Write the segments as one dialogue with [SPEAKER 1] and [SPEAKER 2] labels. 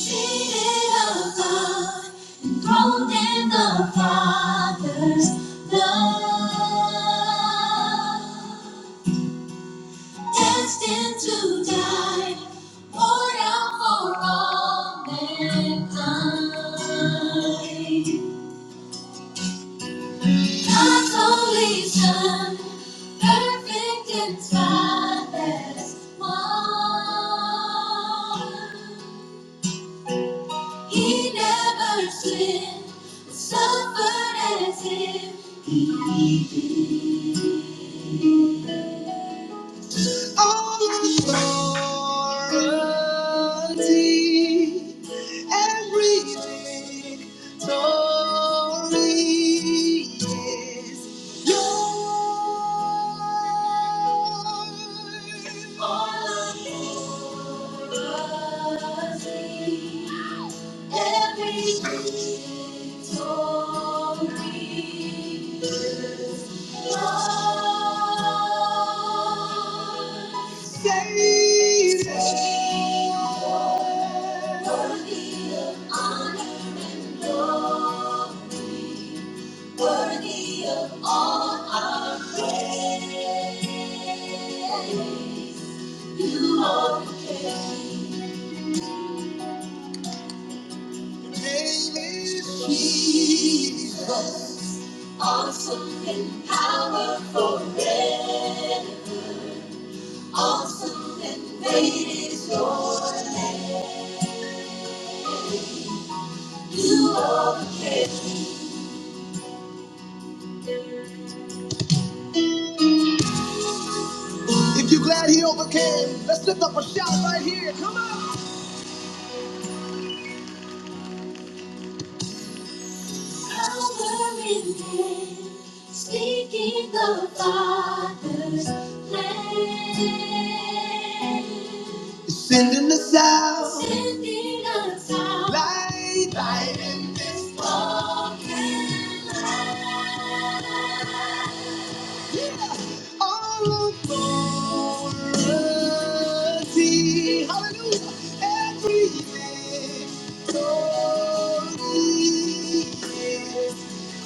[SPEAKER 1] Seated above, enthroned in the Father's love, destined to die, poured out for all mankind. God's only Son, perfect and spotless one. He never sinned, suffered as if he. all authority, Every victory is yours. All authority. Every little need is yours. Worthy of honor and glory, worthy of all our praise. You are the King. Your name is Jesus. Awesome and powerful, forever. Awesome and great is your. You are. If you're glad he overcame, let's lift up a shout right here. Come on. Power in him, speaking the Father's plan. Sending us out. Sending us out. Light. Light in this darkness. All authority. Hallelujah. Every victory is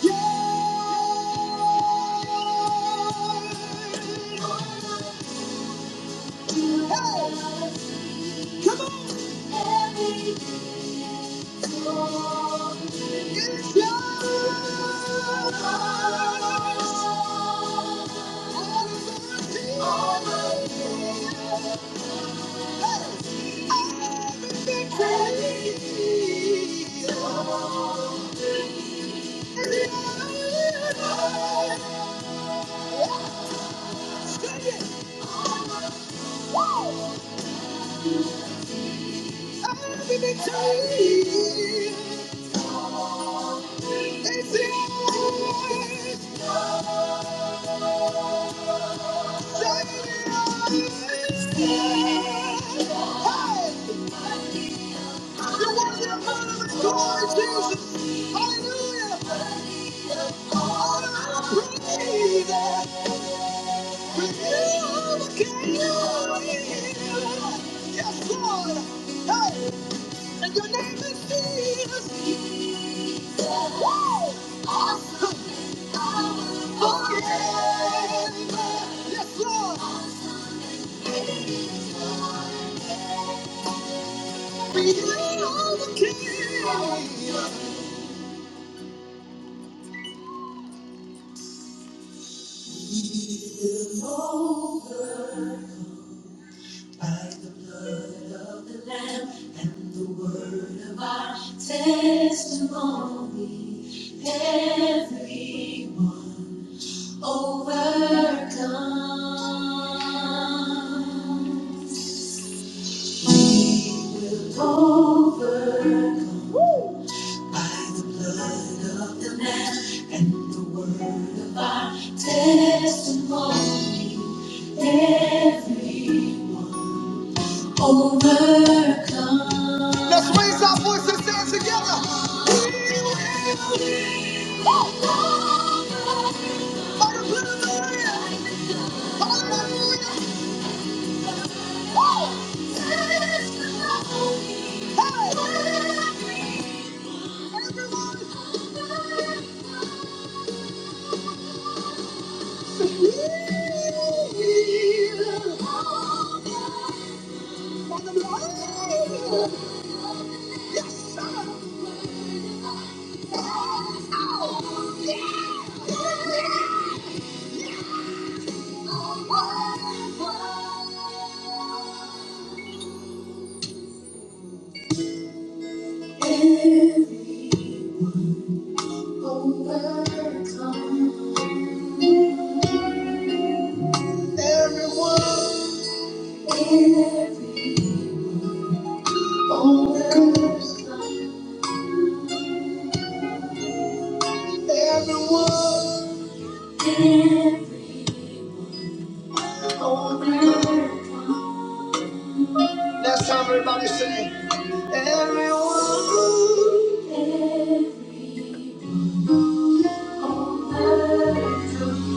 [SPEAKER 1] yours. Hey, come on. Every it's yours. All authority. All authority. Hey, everything Sing it! Woo! Yes, Lord. Hey. And your name is Jesus. Woo! Awesome. Forever. Yes, Lord. We the the the by the blood of of Lamb and the word of our testimony, everyone. Overcomes. Overcome. Overcome. Of the Lamb and the word of our testimony. Every overcome. Let's raise our voices and stand together. Hallelujah. Hallelujah! Every overcome. Everyone All the everyone, all the Last time everybody sing. Everyone. Every overcomes.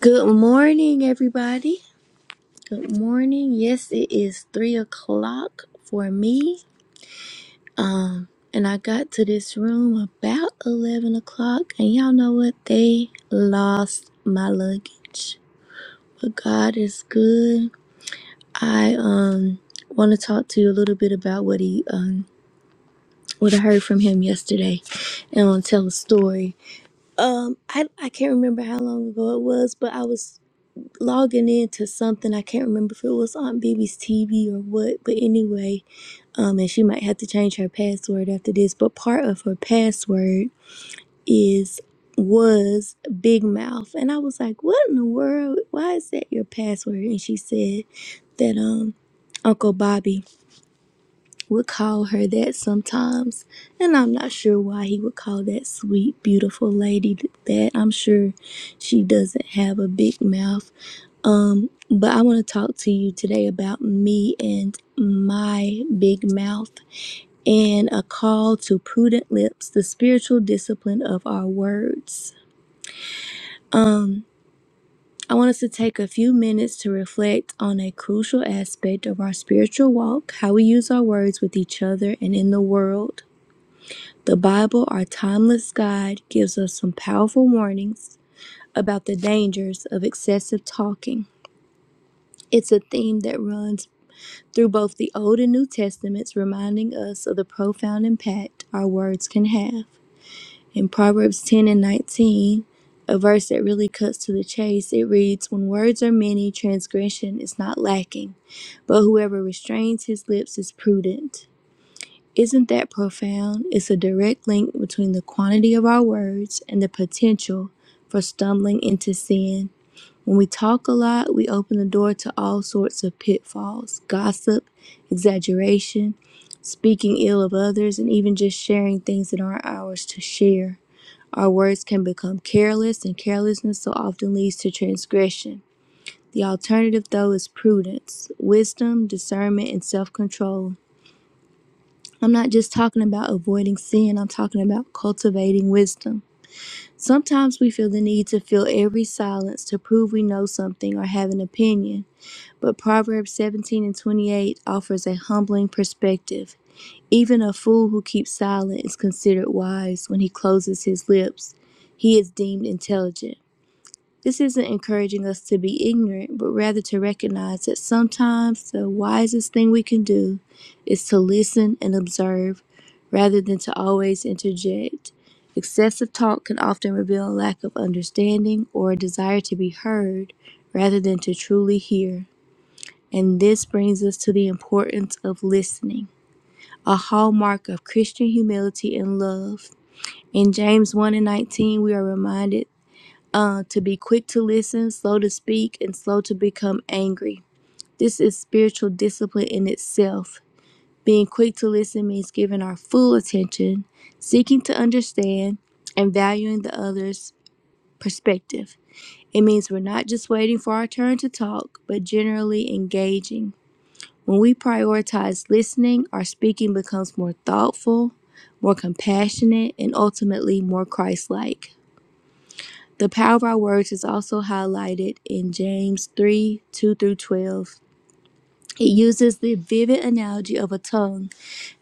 [SPEAKER 2] Good morning, everybody. Good morning. Yes, it is three o'clock for me. Um, and I got to this room about eleven o'clock, and y'all know what? They lost my luggage. But God is good. I um want to talk to you a little bit about what he um what I heard from him yesterday, and I'll tell a story. Um, I I can't remember how long ago it was, but I was logging into something. I can't remember if it was Aunt Bibi's TV or what, but anyway, um, and she might have to change her password after this. But part of her password is was Big Mouth, and I was like, "What in the world? Why is that your password?" And she said that um Uncle Bobby would call her that sometimes, and I'm not sure why he would call that sweet, beautiful lady that. I'm sure she doesn't have a big mouth But I want to talk to you today about me and my big mouth and a call to prudent lips, the spiritual discipline of our words. I want us to take a few minutes to reflect on a crucial aspect of our spiritual walk, how we use our words with each other and in the world. The Bible, our timeless guide, gives us some powerful warnings about the dangers of excessive talking. It's a theme that runs through both the Old and New Testaments, reminding us of the profound impact our words can have. In Proverbs 10 and 19, a verse that really cuts to the chase, it reads When words are many, transgression is not lacking, but whoever restrains his lips is prudent. Isn't that profound? It's a direct link between the quantity of our words and the potential for stumbling into sin. When we talk a lot, we open the door to all sorts of pitfalls gossip, exaggeration speaking ill of others, and even just sharing things that aren't ours to share. Our words can become careless, and carelessness so often leads to transgression. The alternative, though, is prudence, wisdom, discernment, and self control. I'm not just talking about avoiding sin, I'm talking about cultivating wisdom. Sometimes we feel the need to fill every silence to prove we know something or have an opinion, but Proverbs 17 and 28 offers a humbling perspective. Even a fool who keeps silent is considered wise when he closes his lips. He is deemed intelligent. This isn't encouraging us to be ignorant, but rather to recognize that sometimes the wisest thing we can do is to listen and observe rather than to always interject. Excessive talk can often reveal a lack of understanding or a desire to be heard rather than to truly hear. And this brings us to the importance of listening a hallmark of Christian humility and love. In James 1 and 19, we are reminded uh, to be quick to listen, slow to speak, and slow to become angry. This is spiritual discipline in itself. Being quick to listen means giving our full attention, seeking to understand, and valuing the other's perspective. It means we're not just waiting for our turn to talk, but generally engaging when we prioritize listening, our speaking becomes more thoughtful, more compassionate, and ultimately more Christ like. The power of our words is also highlighted in James 3 2 through 12. It uses the vivid analogy of a tongue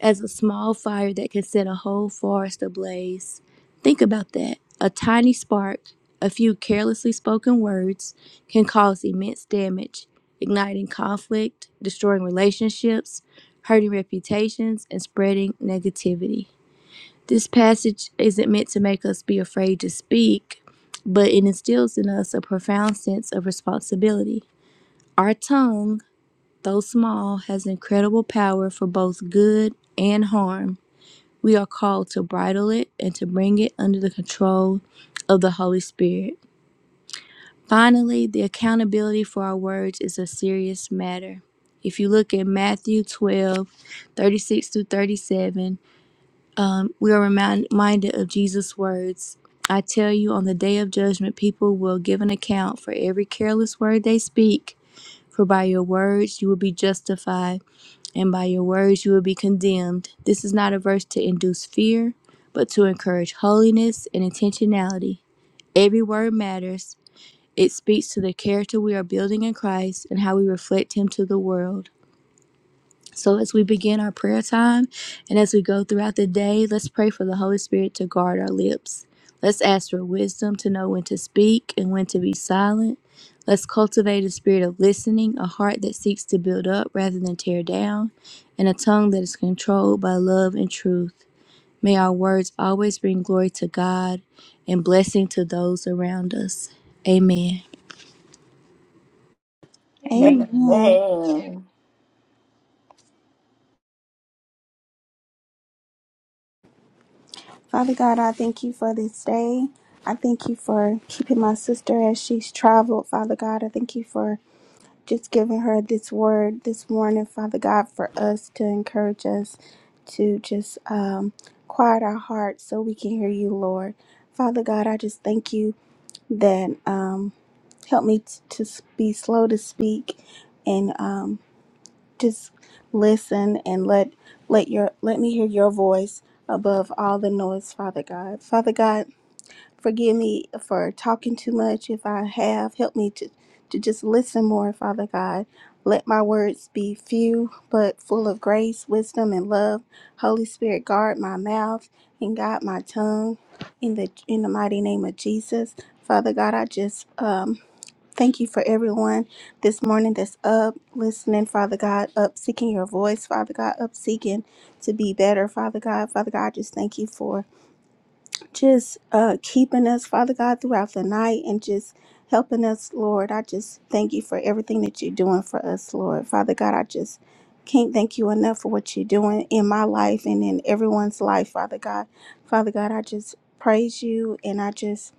[SPEAKER 2] as a small fire that can set a whole forest ablaze. Think about that. A tiny spark, a few carelessly spoken words, can cause immense damage, igniting conflict, destroying relationships, hurting reputations, and spreading negativity. This passage isn't meant to make us be afraid to speak, but it instills in us a profound sense of responsibility. Our tongue, though small, has incredible power for both good and harm. We are called to bridle it and to bring it under the control of the Holy Spirit. Finally, the accountability for our words is a serious matter. If you look at Matthew 12, 36 through 37, we are remind- reminded of Jesus' words I tell you, on the day of judgment, people will give an account for every careless word they speak, for by your words you will be justified and by your words you will be condemned. This is not a verse to induce fear, but to encourage holiness and intentionality. Every word matters. It speaks to the character we are building in Christ and how we reflect Him to the world. So, as we begin our prayer time and as we go throughout the day, let's pray for the Holy Spirit to guard our lips. Let's ask for wisdom to know when to speak and when to be silent. Let's cultivate a spirit of listening, a heart that seeks to build up rather than tear down, and a tongue that is controlled by love and truth. May our words always bring glory to God and blessing to those around us. Amen.
[SPEAKER 3] Amen.
[SPEAKER 4] Amen.
[SPEAKER 3] Father God, I thank you for this day. I thank you for keeping my sister as she's traveled, Father God. I thank you for just giving her this word this morning, Father God, for us to encourage us to just um, quiet our hearts so we can hear you, Lord. Father God, I just thank you that um, help me t- to s- be slow to speak and um, just listen and let let your let me hear your voice above all the noise father god father god forgive me for talking too much if i have help me to to just listen more father god let my words be few but full of grace wisdom and love holy spirit guard my mouth and guide my tongue in the in the mighty name of jesus father god i just um Thank you for everyone this morning that's up, listening, Father God, up, seeking your voice, Father God, up, seeking to be better, Father God. Father God, I just thank you for just uh, keeping us, Father God, throughout the night and just helping us, Lord. I just thank you for everything that you're doing for us, Lord. Father God, I just can't thank you enough for what you're doing in my life and in everyone's life, Father God. Father God, I just praise you and I just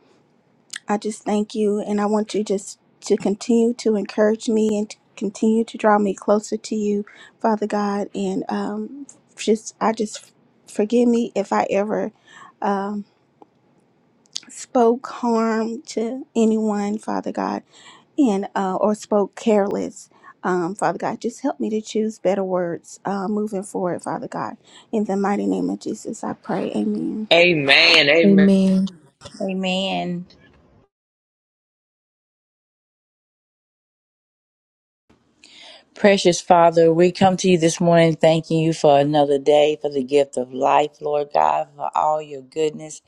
[SPEAKER 3] I just thank you, and I want you just to continue to encourage me and to continue to draw me closer to you, Father God. And um, just, I just forgive me if I ever um, spoke harm to anyone, Father God, and uh, or spoke careless. Um, Father God, just help me to choose better words uh, moving forward, Father God. In the mighty name of Jesus, I pray. Amen.
[SPEAKER 5] Amen. Amen.
[SPEAKER 1] Amen. Precious Father, we come to you this morning thanking you for another day, for the gift of life, Lord God, for all your goodness,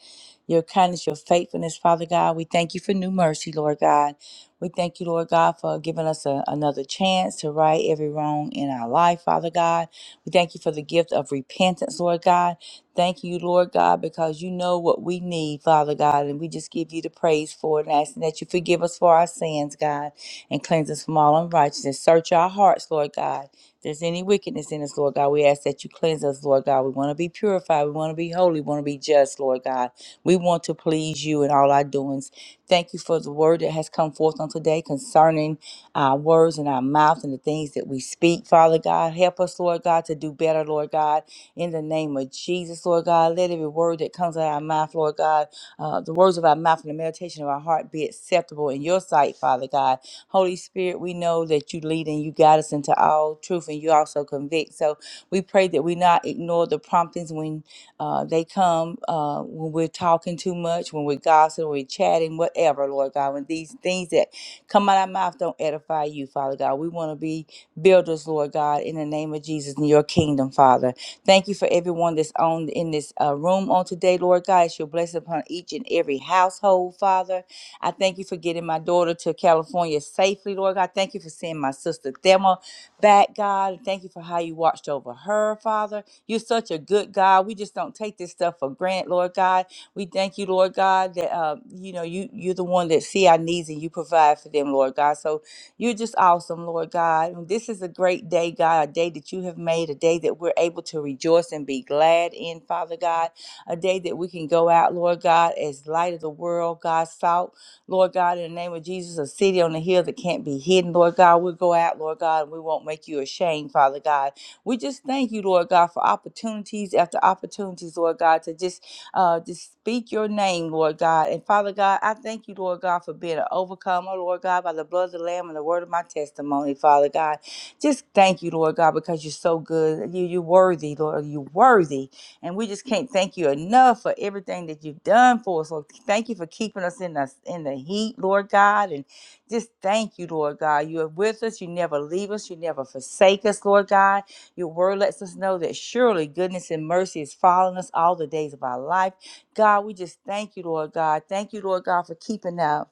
[SPEAKER 1] your kindness, your faithfulness, Father God. We thank you for new mercy, Lord God. We thank you, Lord God, for giving us a, another chance to right every wrong in our life, Father God. We thank you for the gift of repentance, Lord God. Thank you, Lord God, because you know what we need, Father God, and we just give you the praise for it and asking that you forgive us for our sins, God and cleanse us from all unrighteousness. Search our hearts, Lord God. If there's any wickedness in us, Lord God, we ask that you cleanse us, Lord God. We want to be purified. We want to be holy. We want to be just, Lord God. We want to please you in all our doings. Thank you for the word that has come forth on today concerning our words and our mouth and the things that we speak, Father God. Help us, Lord God, to do better, Lord God, in the name of Jesus, Lord God. Let every word that comes out of our mouth, Lord God, uh, the words of our mouth and the meditation of our heart be acceptable in your sight, Father God. Holy Spirit, we know that you lead and you guide us into all truth and you also convict. So we pray that we not ignore the promptings when uh, they come, uh, when we're talking too much, when we're gossiping, we're chatting, whatever, Lord God. When these things that come out of our mouth don't edify you, Father God. We want to be builders, Lord God, in the name of Jesus, in your kingdom, Father. Thank you for everyone that's on in this uh, room on today, Lord God. It's your blessing upon each and every household, Father. I thank you for getting my daughter to California safely, Lord God. Thank you for seeing my sister Thelma back, God. Thank you for how you watched over her, Father. You're such a good God. We just don't take this stuff for granted, Lord God. We thank you, Lord God, that uh, you know you you're the one that see our needs and you provide for them, Lord God. So you're just awesome, Lord God. And this is a great day, God, a day that you have made, a day that we're able to rejoice and be glad in, Father God. A day that we can go out, Lord God, as light of the world, God, salt. Lord God, in the name of Jesus, a city on the hill that can't be hidden, Lord God. We'll go out, Lord God, and we won't make you ashamed, Father God. We just thank you, Lord God, for opportunities after opportunities, Lord God, to just uh just speak your name, Lord God. And Father God, I thank you, Lord God, for being an overcomer, Lord God, by the blood of the Lamb and the word of my testimony, Father God. Just thank you, Lord God, because you're so good. You you're worthy, Lord. You're worthy. And we just can't thank you enough for everything that you've done for us. Lord, thank you for keeping us in us in the heat, Lord God. And just thank you, Lord God. You are with us. You never leave us. You never forsake us, Lord God. Your word lets us know that surely goodness and mercy is following us all the days of our life. God, we just thank you, Lord God. Thank you, Lord God, for keeping us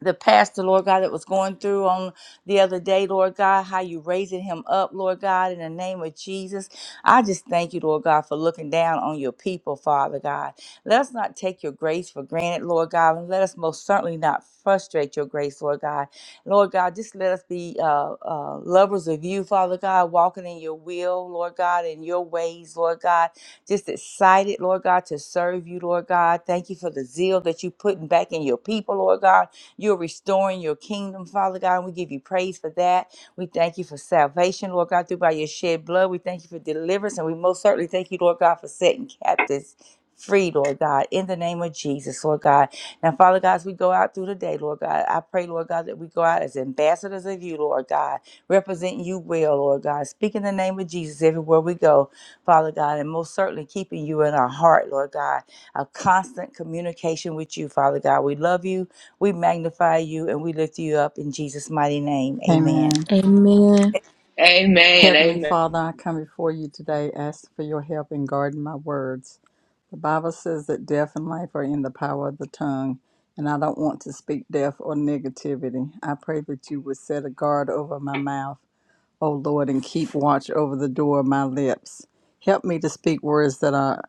[SPEAKER 1] the pastor, Lord God, that was going through on the other day, Lord God, how you raising him up, Lord God, in the name of Jesus. I just thank you, Lord God, for looking down on your people, Father God. Let us not take your grace for granted, Lord God, and let us most certainly not frustrate your grace, Lord God. Lord God, just let us be uh, uh, lovers of you, Father God, walking in your will, Lord God, in your ways, Lord God. Just excited, Lord God, to serve you, Lord God. Thank you for the zeal that you putting back in your people, Lord God. You're restoring your kingdom, Father God. And we give you praise for that. We thank you for salvation, Lord God, through by your shed blood. We thank you for deliverance. And we most certainly thank you, Lord God, for setting captives free, Lord God, in the name of Jesus, Lord God. Now, Father God, as we go out through the day, Lord God, I pray, Lord God, that we go out as ambassadors of you, Lord God, representing you well, Lord God, speaking the name of Jesus everywhere we go, Father God, and most certainly keeping you in our heart, Lord God, a constant communication with you, Father God. We love you. We magnify you and we lift you up in Jesus' mighty name. Amen.
[SPEAKER 6] Amen.
[SPEAKER 2] Amen.
[SPEAKER 5] Amen.
[SPEAKER 6] Heavenly
[SPEAKER 5] Amen.
[SPEAKER 6] Father, I come before you today asking for your help in guarding my words. The Bible says that death and life are in the power of the tongue, and I don't want to speak death or negativity. I pray that you would set a guard over my mouth O Lord, and keep watch over the door of my lips. Help me to speak words that are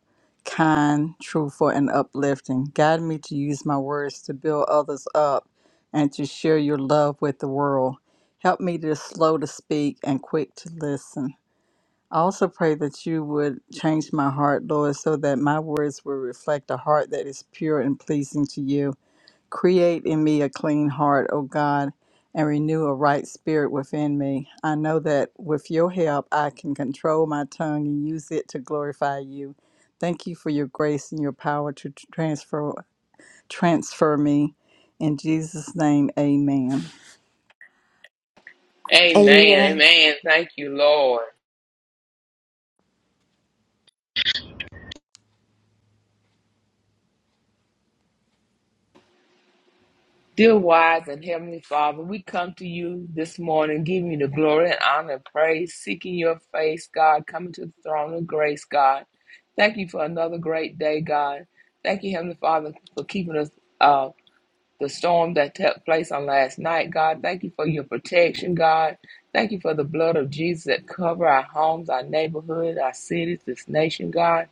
[SPEAKER 6] kind, truthful, and uplifting. Guide me to use my words to build others up and to share your love with the world. Help me to slow to speak and quick to listen. I also pray that you would change my heart, Lord, so that my words will reflect a heart that is pure and pleasing to you. Create in me a clean heart, O God, and renew a right spirit within me. I know that with your help, I can control my tongue and use it to glorify you. Thank you for your grace and your power to transfer transfer me. In Jesus' name, amen.
[SPEAKER 5] Amen.
[SPEAKER 2] Amen.
[SPEAKER 5] Amen. Thank you, Lord. Dear wise and heavenly Father, we come to you this morning, giving you the glory and honor and praise, seeking your face, God, coming to the throne of grace, God. Thank you for another great day, God. Thank you, Heavenly Father, for keeping us uh the storm that took place on last night, God. Thank you for your protection, God. Thank you for the blood of Jesus that cover our homes, our neighborhood, our cities, this nation, God.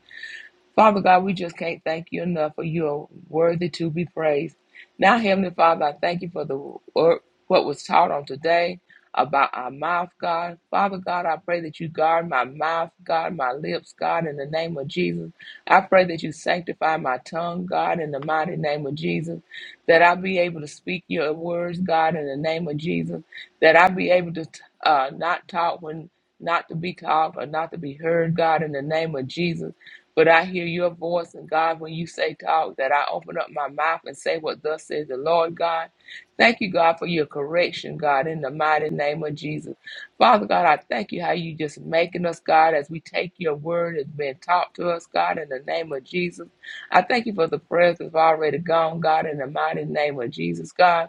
[SPEAKER 5] Father God, we just can't thank you enough for you are worthy to be praised. Now, Heavenly Father, I thank you for the word, what was taught on today about our mouth, God. Father God, I pray that you guard my mouth, God, my lips, God, in the name of Jesus. I pray that you sanctify my tongue, God, in the mighty name of Jesus. That I be able to speak your words, God, in the name of Jesus. That I be able to uh, not talk when not to be talked or not to be heard, God, in the name of Jesus but I hear your voice, and God, when you say talk, that I open up my mouth and say what thus says the Lord God. Thank you, God, for your correction, God, in the mighty name of Jesus. Father God, I thank you how you just making us, God, as we take your word that's been taught to us, God, in the name of Jesus. I thank you for the prayers that's already gone, God, in the mighty name of Jesus, God.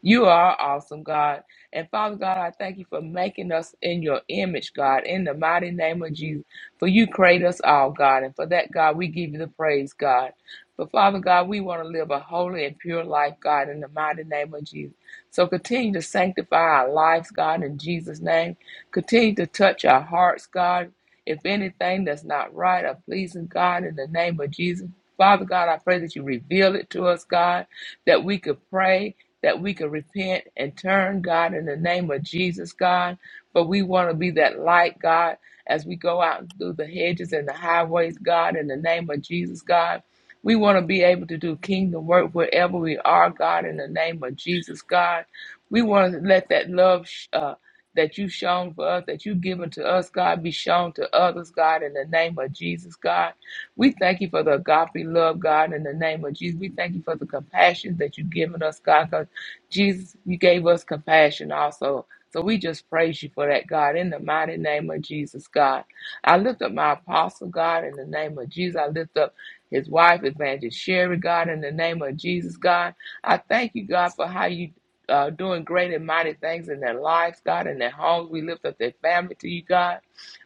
[SPEAKER 5] You are awesome, God. And Father God, I thank you for making us in your image, God, in the mighty name of Jesus. For you create us all, God. And for that, God, we give you the praise, God. But Father God, we want to live a holy and pure life, God, in the mighty name of Jesus. So continue to sanctify our lives, God, in Jesus' name. Continue to touch our hearts, God. If anything that's not right or pleasing, God, in the name of Jesus. Father God, I pray that you reveal it to us, God, that we could pray, that we could repent and turn, God, in the name of Jesus, God. But we want to be that light, God as we go out through the hedges and the highways, God, in the name of Jesus, God. We want to be able to do kingdom work wherever we are, God, in the name of Jesus, God. We want to let that love uh, that you've shown for us, that you've given to us, God, be shown to others, God, in the name of Jesus, God. We thank you for the agape love, God, in the name of Jesus. We thank you for the compassion that you've given us, God, because Jesus, you gave us compassion also. So we just praise you for that, God, in the mighty name of Jesus, God. I lift up my apostle, God, in the name of Jesus. I lift up his wife, Evangelist Sherry, God, in the name of Jesus, God. I thank you, God, for how you uh, doing great and mighty things in their lives, God, in their homes. We lift up their family to you, God.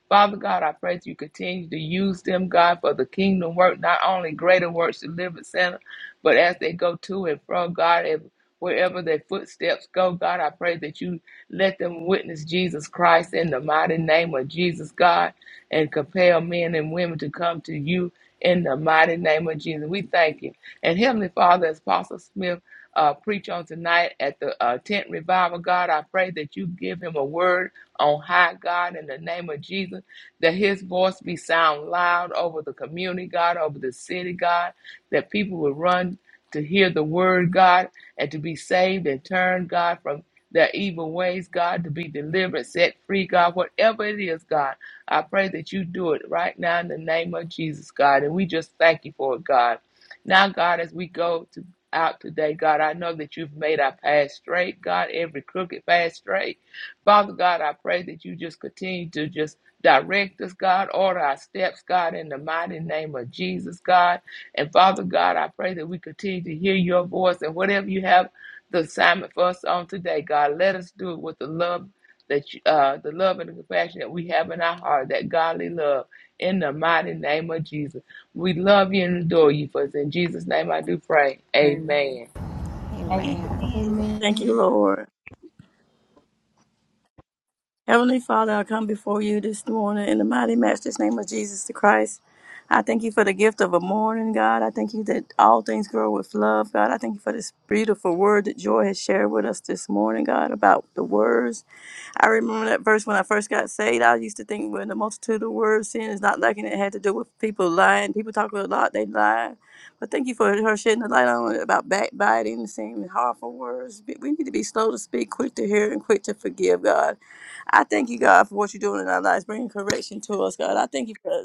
[SPEAKER 5] Father God, I pray that you continue to use them, God, for the kingdom work, not only greater works delivered center, but as they go to and from, God, ev- wherever their footsteps go, God, I pray that you let them witness Jesus Christ in the mighty name of Jesus, God, and compel men and women to come to you in the mighty name of Jesus. We thank you. And Heavenly Father, as Apostle Smith uh, preach on tonight at the uh, tent revival, God, I pray that you give him a word on high, God, in the name of Jesus, that his voice be sound loud over the community, God, over the city, God, that people will run to hear the word, God, and to be saved and turn, God, from their evil ways, God, to be delivered, set free, God, whatever it is, God. I pray that you do it right now in the name of Jesus, God. And we just thank you for it, God. Now, God, as we go to out today, God, I know that you've made our path straight, God, every crooked path straight. Father God, I pray that you just continue to just Direct us, God. Order our steps, God, in the mighty name of Jesus, God. And Father God, I pray that we continue to hear your voice and whatever you have the assignment for us on today, God, let us do it with the love that you, uh, the love and the compassion that we have in our heart, that godly love, in the mighty name of Jesus. We love you and adore you, for it's in Jesus' name I do pray.
[SPEAKER 6] Amen.
[SPEAKER 5] Amen.
[SPEAKER 7] Amen.
[SPEAKER 3] Amen.
[SPEAKER 4] Thank you,
[SPEAKER 2] Amen.
[SPEAKER 4] Lord. Heavenly Father, I come before you this morning in the mighty master's name of Jesus the Christ. I thank you for the gift of a morning, God. I thank you that all things grow with love, God. I thank you for this beautiful word that Joy has shared with us this morning, God, about the words. I remember that verse when I first got saved. I used to think when the multitude of words, sin is not lacking. It had to do with people lying. People talk a lot, they lie. But thank you for her shedding the light on it about backbiting, saying harmful words. We we need to be slow to speak, quick to hear, and quick to forgive, God. I thank you, God, for what you're doing in our lives, bringing correction to us, God. I thank you for,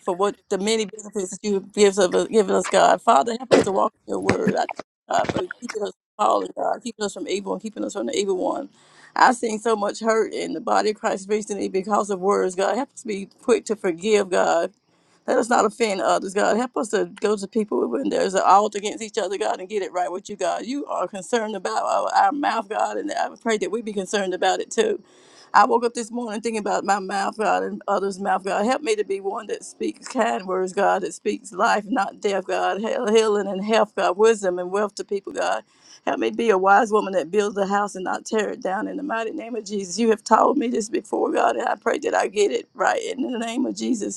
[SPEAKER 4] for what the many benefits that you gives of uh, given us, God. Father, help us to walk in your word. I thank you, God, for keeping us from falling, God, keeping us from evil and keeping us from the evil one. I've seen so much hurt in the body of Christ recently because of words, God. Help us be quick to forgive, God. Let us not offend others, God. Help us to go to people when there's an alt against each other, God, and get it right with you, God. You are concerned about our, our mouth, God, and I pray that we be concerned about it too. I woke up this morning thinking about my mouth, God, and others' mouth, God. Help me to be one that speaks kind words, God, that speaks life, not death, God, heal- healing and health, God, wisdom and wealth to people, God. Help me be a wise woman that builds a house and not tear it down in the mighty name of Jesus. You have told me this before, God, and I pray that I get it right in the name of Jesus.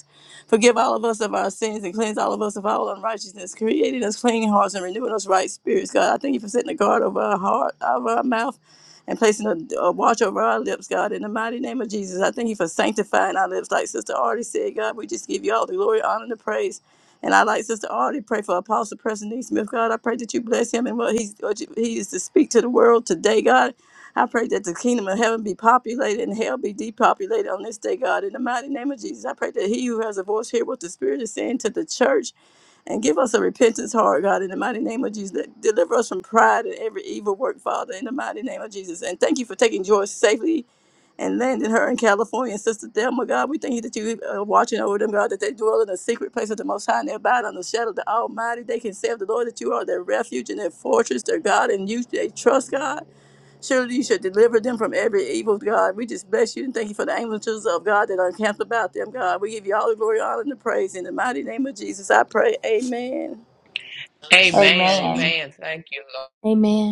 [SPEAKER 4] Forgive all of us of our sins and cleanse all of us of all unrighteousness, creating us clean hearts and renewing us right spirits. God, I thank you for setting a guard over our heart, over our mouth, and placing a, a watch over our lips, God. In the mighty name of Jesus, I thank you for sanctifying our lips. Like Sister Artie said, God, we just give you all the glory, honor, and the praise. And I like Sister Artie pray for Apostle Preston E. Smith, God. I pray that you bless him and what he's what you- he is to speak to the world today, God. I pray that the kingdom of heaven be populated and hell be depopulated on this day, God. In the mighty name of Jesus, I pray that he who has a voice hear what the Spirit is saying to the church and give us a repentance heart, God. In the mighty name of Jesus, that deliver us from pride and every evil work, Father. In the mighty name of Jesus. And thank you for taking Joyce safely and landing her in California. And Sister Thelma, God, we thank you that you are watching over them, God, that they dwell in the secret place of the Most High and they abide on the shadow of the Almighty. They can say of the Lord that you are their refuge and their fortress, their God, and you they trust, God. Surely you should deliver them from every evil, God. We just bless you and thank you for the angels of God that are encamped about them, God. We give you all the glory, honor, and the praise. In the mighty name of Jesus, I pray. Amen.
[SPEAKER 5] Amen.
[SPEAKER 1] Amen.
[SPEAKER 5] Amen. Thank you,
[SPEAKER 2] Amen.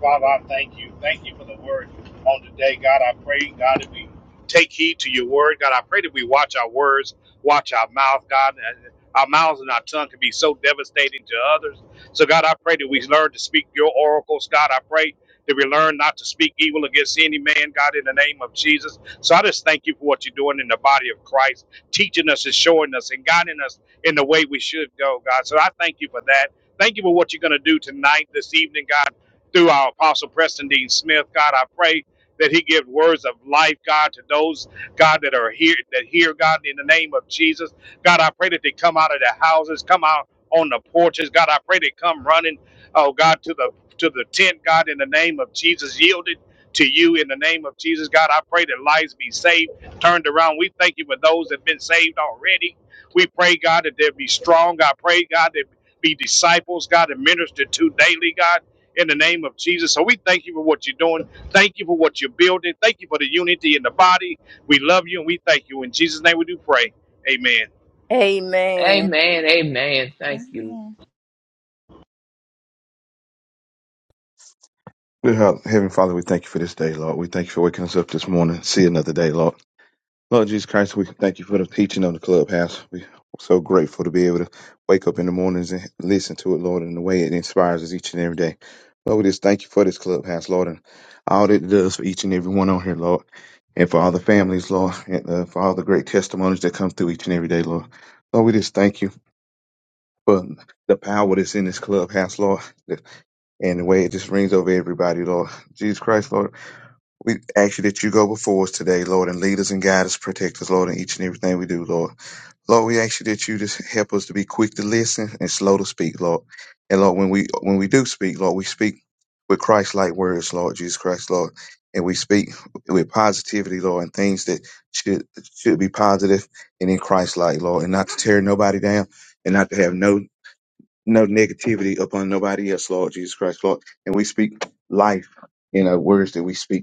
[SPEAKER 8] Father, I thank you. Thank you for the word on today. God, I pray, God, that we take heed to your word. God, I pray that we watch our words, watch our mouth, God. that Our mouths and our tongue can be so devastating to others. So, God, I pray that we learn to speak your oracles. God, I pray that we learn not to speak evil against any man, God, in the name of Jesus. So I just thank you for what you're doing in the body of Christ, teaching us and showing us and guiding us in the way we should go, God. So I thank you for that. Thank you for what you're going to do tonight, this evening, God through our apostle Preston Dean Smith. God, I pray that he give words of life, God, to those, God, that are here, that hear, God, in the name of Jesus. God, I pray that they come out of their houses, come out on the porches. God, I pray they come running, oh God, to the to the tent, God, in the name of Jesus, yielded to you in the name of Jesus. God, I pray that lives be saved, turned around. We thank you for those that have been saved already. We pray, God, that they'll be strong. I pray, God, that be disciples, God, and minister to daily, God in the name of Jesus. So we thank you for what you're doing. Thank you for what you're building. Thank you for the unity in the body. We love you and we thank you. In Jesus' name we do pray. Amen.
[SPEAKER 5] Lord.
[SPEAKER 4] Amen.
[SPEAKER 5] Amen. Amen. Thank you.
[SPEAKER 3] Amen.
[SPEAKER 9] Dear Heavenly Father, we thank you for this day, Lord. We thank you for waking us up this morning. See another day, Lord. Lord Jesus Christ, we thank you for the teaching on the clubhouse. We're so grateful to be able to wake up in the mornings and listen to it, Lord, in the way it inspires us each and every day. Lord, we just thank you for this clubhouse, Lord, and all that it does for each and every one on here, Lord, and for all the families, Lord, and uh, for all the great testimonies that come through each and every day, Lord. Lord, we just thank you for the power that's in this clubhouse, Lord, and the way it just rings over everybody, Lord. Jesus Christ, Lord. We ask you that you go before us today, Lord, and lead us and guide us, protect us, Lord, in each and everything we do, Lord. Lord, we ask you that you just help us to be quick to listen and slow to speak, Lord. And Lord, when we when we do speak, Lord, we speak with Christ like words, Lord, Jesus Christ, Lord. And we speak with positivity, Lord, and things that should should be positive and in Christ like, Lord, and not to tear nobody down and not to have no no negativity upon nobody else, Lord, Jesus Christ, Lord. And we speak life in our words that we speak.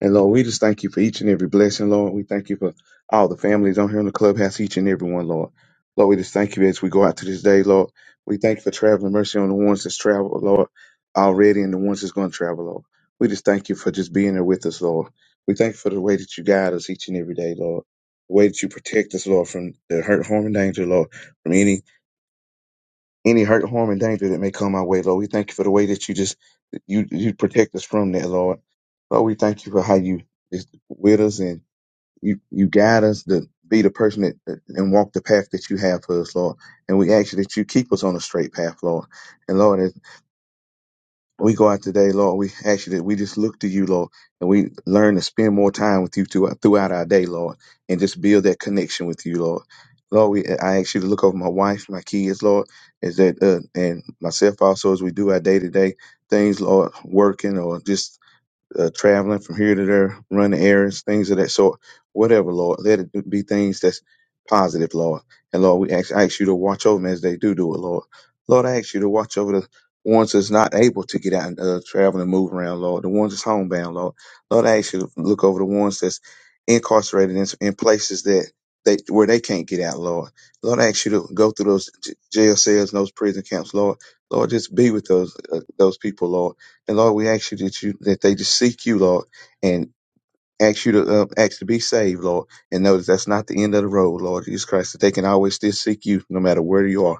[SPEAKER 9] And Lord, we just thank you for each and every blessing, Lord. We thank you for all the families on here in the clubhouse, each and every one, Lord. Lord, we just thank you as we go out to this day, Lord. We thank you for traveling mercy on the ones that's traveled, Lord, already and the ones that's going to travel, Lord. We just thank you for just being there with us, Lord. We thank you for the way that you guide us each and every day, Lord. The way that you protect us, Lord, from the hurt, harm, and danger, Lord, from any any hurt, harm, and danger that may come our way, Lord. We thank you for the way that you just that you you protect us from that, Lord. Lord, we thank you for how you is with us and you you guide us to be the person that that- and walk the path that you have for us, Lord. And we ask you that you keep us on a straight path, Lord. And Lord, we go out today, Lord. We ask you that we just look to you, Lord, and we learn to spend more time with you throughout, throughout our day, Lord, and just build that connection with you, Lord. Lord, we, I ask you to look over my wife, my kids, Lord, is that uh, and myself also as we do our day to day things, Lord, working or just uh, traveling from here to there, running errands, things of that sort. Whatever, Lord, let it be things that's positive, Lord. And Lord, we ask, I ask you to watch over them as they do do it, Lord. Lord, I ask you to watch over the ones that's not able to get out and uh, travel and move around, Lord. The ones that's homebound, Lord. Lord, I ask you to look over the ones that's incarcerated in, in places that they where they can't get out, Lord. Lord, I ask you to go through those j- jail cells and those prison camps, Lord. Lord, just be with those uh, those people, Lord. And Lord, we ask you that you that they just seek you, Lord, and ask you to uh, ask to be saved, Lord, and know that that's not the end of the road, Lord Jesus Christ. That they can always still seek you, no matter where you are.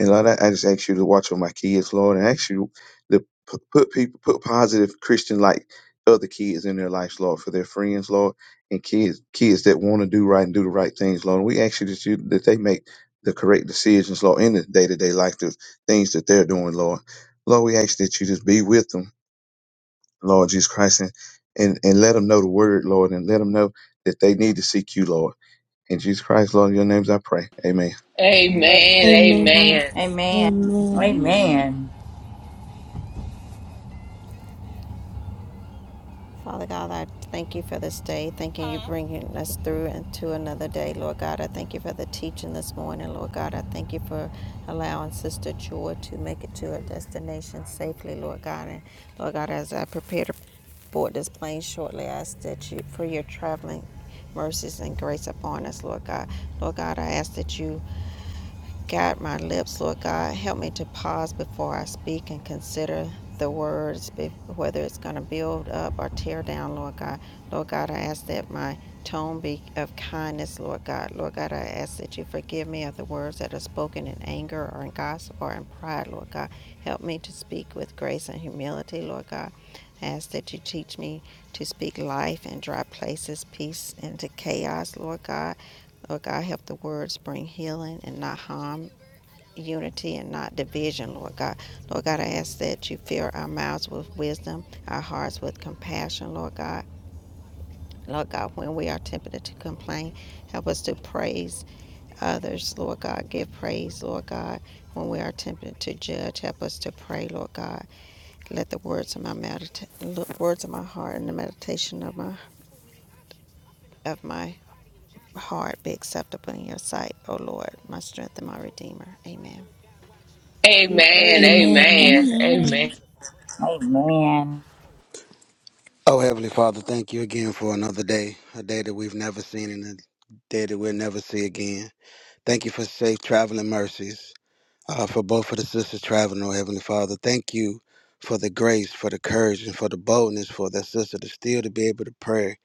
[SPEAKER 9] And Lord, I, I just ask you to watch over my kids, Lord, and ask you to p- put people put positive Christian like other kids in their lives, Lord, for their friends, Lord, and kids kids that want to do right and do the right things, Lord. And we ask you that you that they make the correct decisions, Lord, in the day to day life, the things that they're doing, Lord. Lord, we ask that you just be with them Lord Jesus Christ, and, and, and let them know the word, Lord, and let them know that they need to seek you, Lord. In Jesus Christ, Lord, in your names I pray. Amen.
[SPEAKER 7] Amen.
[SPEAKER 5] Amen.
[SPEAKER 7] Amen.
[SPEAKER 2] Amen.
[SPEAKER 5] Amen.
[SPEAKER 1] Amen.
[SPEAKER 2] Amen.
[SPEAKER 3] Amen.
[SPEAKER 1] Amen.
[SPEAKER 7] Father God, I thank you for this day. Thank you, for bringing us through into another day, Lord God. I thank you for the teaching this morning, Lord God. I thank you for allowing Sister Joy to make it to her destination safely, Lord God. And Lord God, as I prepare to board this plane shortly, I ask that you for your traveling mercies and grace upon us, Lord God. Lord God, I ask that you Guide my lips, Lord God. Help me to pause before I speak and consider the words, whether it's going to build up or tear down, Lord God. Lord God, I ask that my tone be of kindness, Lord God. Lord God, I ask that you forgive me of the words that are spoken in anger or in gossip or in pride, Lord God. Help me to speak with grace and humility, Lord God. I ask that you teach me to speak life in dry places, peace into chaos, Lord God. Lord God, help the words bring healing and not harm unity and not division, Lord God. Lord God, I ask that you fill our mouths with wisdom, our hearts with compassion, Lord God. Lord God, when we are tempted to complain, help us to praise others, Lord God. Give praise, Lord God. When we are tempted to judge, help us to pray, Lord God. Let the words of my medita- look- words of my heart and the meditation of my of my heart be acceptable in your sight, O Lord, my strength and my redeemer. Amen.
[SPEAKER 5] Amen.
[SPEAKER 4] Amen,
[SPEAKER 5] Amen.
[SPEAKER 2] Amen.
[SPEAKER 3] Amen.
[SPEAKER 5] Amen.
[SPEAKER 1] Amen.
[SPEAKER 10] Oh, Heavenly Father, thank you again for another day, a day that we've never seen and a day that we'll never see again. Thank you for safe traveling mercies uh, for both of the sisters traveling, oh Heavenly Father. Thank you for the grace, for the courage, and for the boldness for that sister to still to be able to pray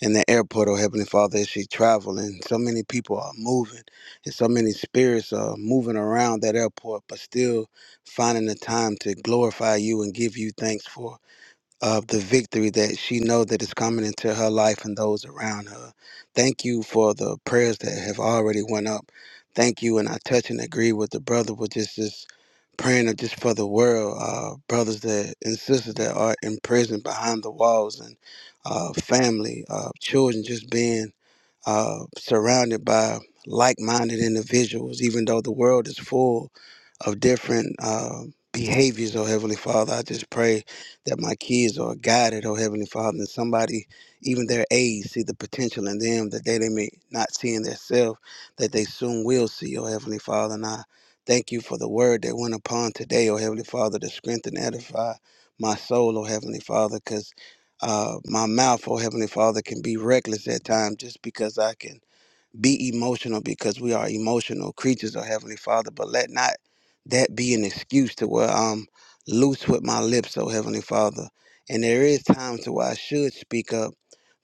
[SPEAKER 10] in the airport, oh Heavenly Father, as she traveling. So many people are moving and so many spirits are moving around that airport, but still finding the time to glorify you and give you thanks for of the victory that she know that is coming into her life and those around her. Thank you for the prayers that have already went up. Thank you, and I touch and agree with the brother with just this praying of just for the world, uh, brothers that and sisters that are in prison behind the walls and uh, family, uh, children just being uh, surrounded by like-minded individuals, even though the world is full of different uh, behaviors. Oh Heavenly Father, I just pray that my kids are guided. Oh Heavenly Father, and somebody, even their age, see the potential in them that they, they may not see in themselves, that they soon will see. Oh Heavenly Father, and I thank you for the word that went upon today. Oh Heavenly Father, to strengthen and edify my soul. Oh Heavenly Father, 'cause uh, my mouth, oh Heavenly Father, can be reckless at times just because I can be emotional because we are emotional creatures of Heavenly Father, but let not that be an excuse to where I'm loose with my lips, oh Heavenly Father. And there is times to where I should speak up,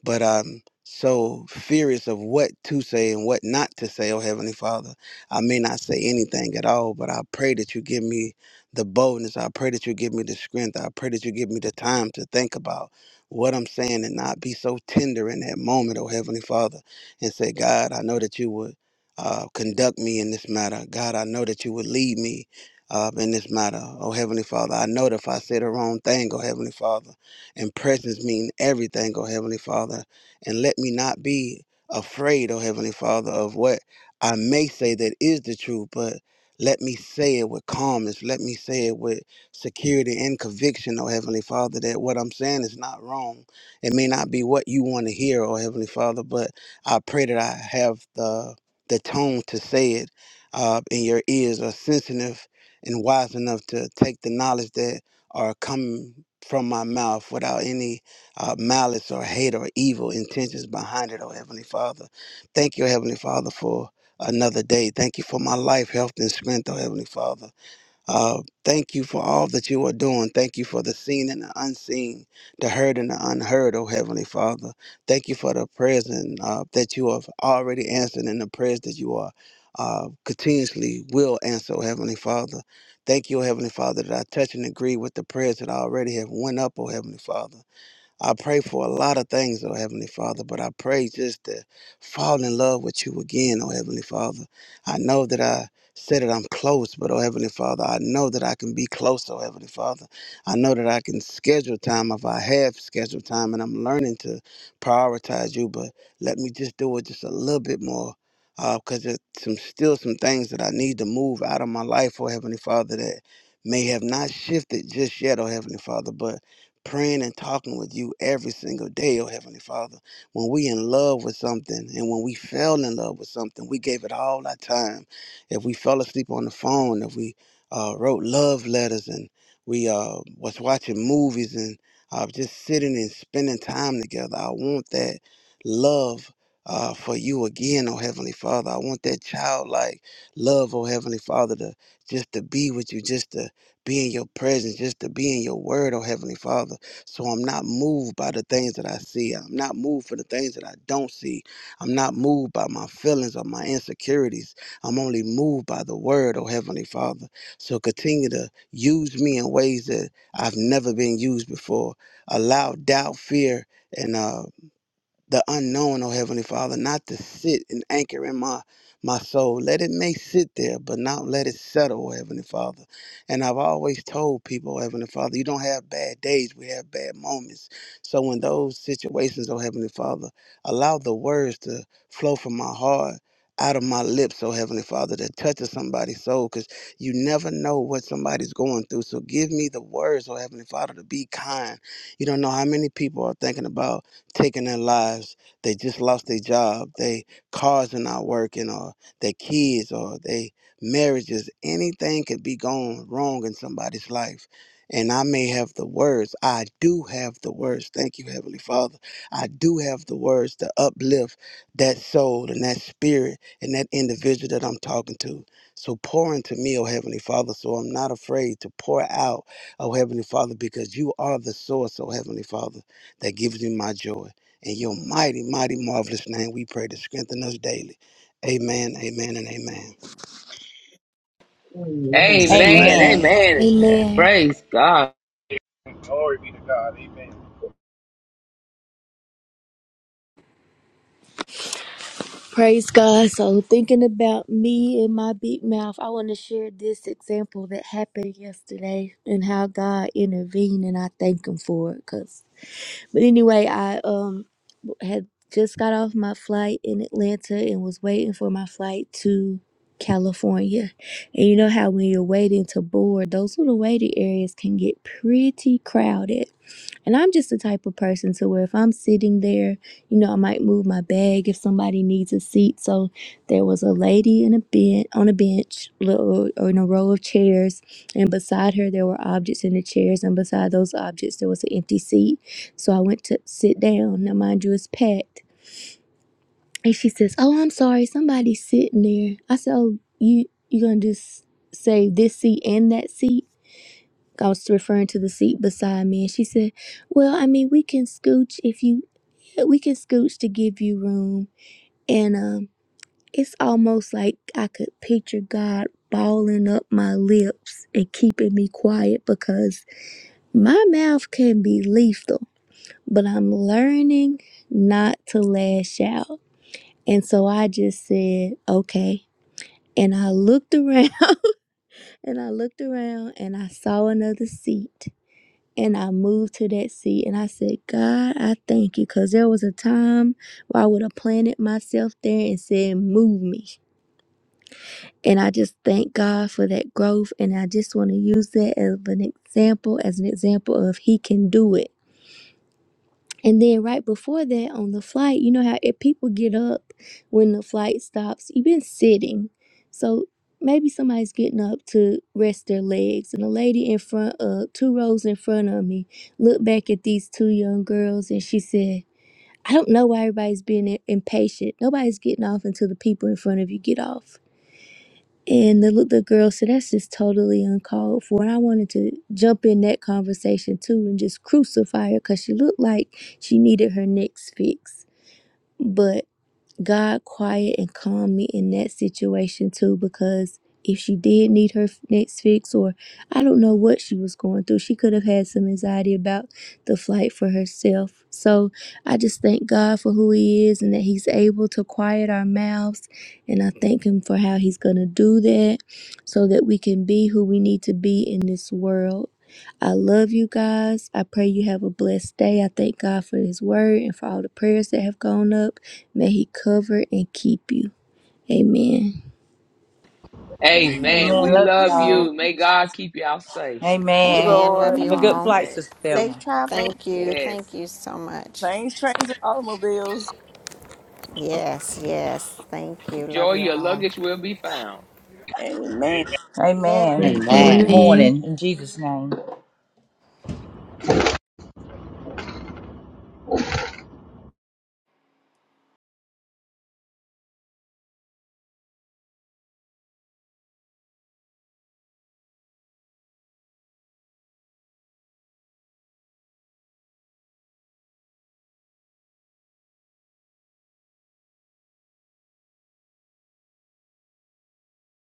[SPEAKER 10] but I'm so furious of what to say and what not to say, oh Heavenly Father. I may not say anything at all, but I pray that you give me the boldness. I pray that you give me the strength. I pray that you give me the time to think about what I'm saying and not be so tender in that moment, oh Heavenly Father and say, God, I know that you would uh, conduct me in this matter. God, I know that you would lead me uh, in this matter. Oh, Heavenly Father, I know that if I say the wrong thing, oh, Heavenly Father, and presence mean everything, oh, Heavenly Father, and let me not be afraid, oh, Heavenly Father, of what I may say that is the truth, but let me say it with calmness. Let me say it with security and conviction, oh Heavenly Father, that what I'm saying is not wrong. It may not be what you want to hear, oh Heavenly Father, but I pray that I have the the tone to say it, uh, and your ears are sensitive and wise enough to take the knowledge that are coming from my mouth without any uh, malice or hate or evil intentions behind it. Oh Heavenly Father, thank you, Heavenly Father, for another day. Thank you for my life, health, and strength. Oh Heavenly Father. Uh, thank you for all that you are doing. Thank you for the seen and the unseen, the heard and the unheard, oh Heavenly Father. Thank you for the prayers and, uh, that you have already answered and the prayers that you are uh, continuously will answer, oh Heavenly Father. Thank you, oh Heavenly Father, that I touch and agree with the prayers that I already have went up, oh Heavenly Father. I pray for a lot of things, oh Heavenly Father, but I pray just to fall in love with you again, oh Heavenly Father. I know that I said that I'm close, but oh Heavenly Father, I know that I can be close, oh Heavenly Father. I know that I can schedule time if I have scheduled time and I'm learning to prioritize you, but let me just do it just a little bit more. Because there's some still some things that I need to move out of my life, oh Heavenly Father, that may have not shifted just yet, oh Heavenly Father, but praying and talking with you every single day, oh Heavenly Father. When we in love with something and when we fell in love with something, we gave it all our time. If we fell asleep on the phone, if we uh, wrote love letters and we uh, was watching movies and uh, just sitting and spending time together, I want that love uh, for you again, oh Heavenly Father. I want that childlike love, oh Heavenly Father, to just to be with you, just to be in your presence, just to be in your word, oh Heavenly Father. So I'm not moved by the things that I see. I'm not moved for the things that I don't see. I'm not moved by my feelings or my insecurities. I'm only moved by the word, oh Heavenly Father. So continue to use me in ways that I've never been used before. Allow doubt, fear, and uh the unknown, oh Heavenly Father, not to sit and anchor in my my soul. Let it may sit there, but not let it settle, oh Heavenly Father. And I've always told people, oh Heavenly Father, you don't have bad days, we have bad moments. So in those situations, oh Heavenly Father, allow the words to flow from my heart. Out of my lips, oh Heavenly Father, to touch of somebody's soul, because you never know what somebody's going through. So give me the words, oh Heavenly Father, to be kind. You don't know how many people are thinking about taking their lives. They just lost their job. They cars are not working, or their kids, or their marriages. Anything could be going wrong in somebody's life. And I may have the words. I do have the words. Thank you, Heavenly Father. I do have the words to uplift that soul and that spirit and that individual that I'm talking to. So pour into me, oh Heavenly Father, so I'm not afraid to pour out, oh Heavenly Father, because you are the source, oh Heavenly Father that gives me my joy. In your mighty, mighty, marvelous name, we pray to strengthen us daily. Amen, amen, and amen.
[SPEAKER 9] Amen.
[SPEAKER 5] Amen.
[SPEAKER 9] Amen.
[SPEAKER 1] Amen.
[SPEAKER 7] Amen.
[SPEAKER 5] Amen. Amen.
[SPEAKER 7] Amen.
[SPEAKER 2] Amen.
[SPEAKER 5] Praise God.
[SPEAKER 8] Glory be to God. Amen.
[SPEAKER 2] Praise God. So, thinking about me and my big mouth, I want to share this example that happened yesterday and how God intervened, and I thank Him for it. Cause, but anyway, I um had just got off my flight in Atlanta and was waiting for my flight to California. And you know how when you're waiting to board, those little waiting areas can get pretty crowded. And I'm just the type of person to where if I'm sitting there, you know, I might move my bag if somebody needs a seat. So there was a lady in a bench on a bench little, or in a row of chairs, and beside her there were objects in the chairs, and beside those objects there was an empty seat. So I went to sit down. Now mind you, it's packed. And she says, "Oh, I'm sorry, somebody's sitting there." I said, "Oh, you you gonna just say this seat and that seat?" I was referring to the seat beside me, and she said, "Well, I mean, we can scooch if you, yeah, we can scooch to give you room." And um, it's almost like I could picture God balling up my lips and keeping me quiet because my mouth can be lethal, but I'm learning not to lash out. And so I just said, "Okay." And I looked around, and I looked around, and I saw another seat and I moved to that seat and I said, God, I thank you. Cause there was a time where I would have planted myself there and said, move me. And I just thank God for that growth. And I just want to use that as an example, as an example of He can do it. And then right before that on the flight, you know how if people get up when the flight stops, you've been sitting. So maybe somebody's getting up to rest their legs. And the lady in front of two rows in front of me looked back at these two young girls and she said, I don't know why everybody's being i- impatient. Nobody's getting off until the people in front of you get off. And the little girl said, That's just totally uncalled for. And I wanted to jump in that conversation too and just crucify her because she looked like she needed her next fix. But God quiet and calm me in that situation too because if she did need her f- next fix or I don't know what she was going through, she could have had some anxiety about the flight for herself. So I just thank God for who he is and that he's able to quiet our mouths and I thank him for how he's going to do that so that we can be who we need to be in this world. I love you guys. I pray you have a blessed day. I thank God for his word and for all the prayers that have gone up. May he cover and keep you. Amen.
[SPEAKER 5] Amen.
[SPEAKER 1] Amen.
[SPEAKER 5] We
[SPEAKER 3] Amen.
[SPEAKER 1] Love
[SPEAKER 3] Love
[SPEAKER 5] love
[SPEAKER 3] you.
[SPEAKER 1] y'all.
[SPEAKER 5] you. May God keep y'all safe,
[SPEAKER 1] Amen.
[SPEAKER 7] Amen. Love
[SPEAKER 4] Lord.
[SPEAKER 1] Have
[SPEAKER 7] you
[SPEAKER 1] a good
[SPEAKER 3] Amen.
[SPEAKER 7] all.
[SPEAKER 1] flight,
[SPEAKER 5] man.
[SPEAKER 1] Sister
[SPEAKER 3] Safe
[SPEAKER 1] Thelma.
[SPEAKER 3] travel.
[SPEAKER 7] Thank you.
[SPEAKER 5] Yes.
[SPEAKER 7] Thank you so much.
[SPEAKER 4] Planes, trains, and automobiles.
[SPEAKER 7] Yes, yes. Thank you. Love
[SPEAKER 5] Enjoy
[SPEAKER 7] you
[SPEAKER 5] your
[SPEAKER 7] all.
[SPEAKER 5] luggage will be found.
[SPEAKER 8] Amen.
[SPEAKER 4] Amen.
[SPEAKER 3] Yes.
[SPEAKER 1] Amen.
[SPEAKER 9] Amen. Thank
[SPEAKER 1] This
[SPEAKER 11] Amen.
[SPEAKER 9] you, Jesus.
[SPEAKER 2] Amen.
[SPEAKER 1] morning, in Jesus' name.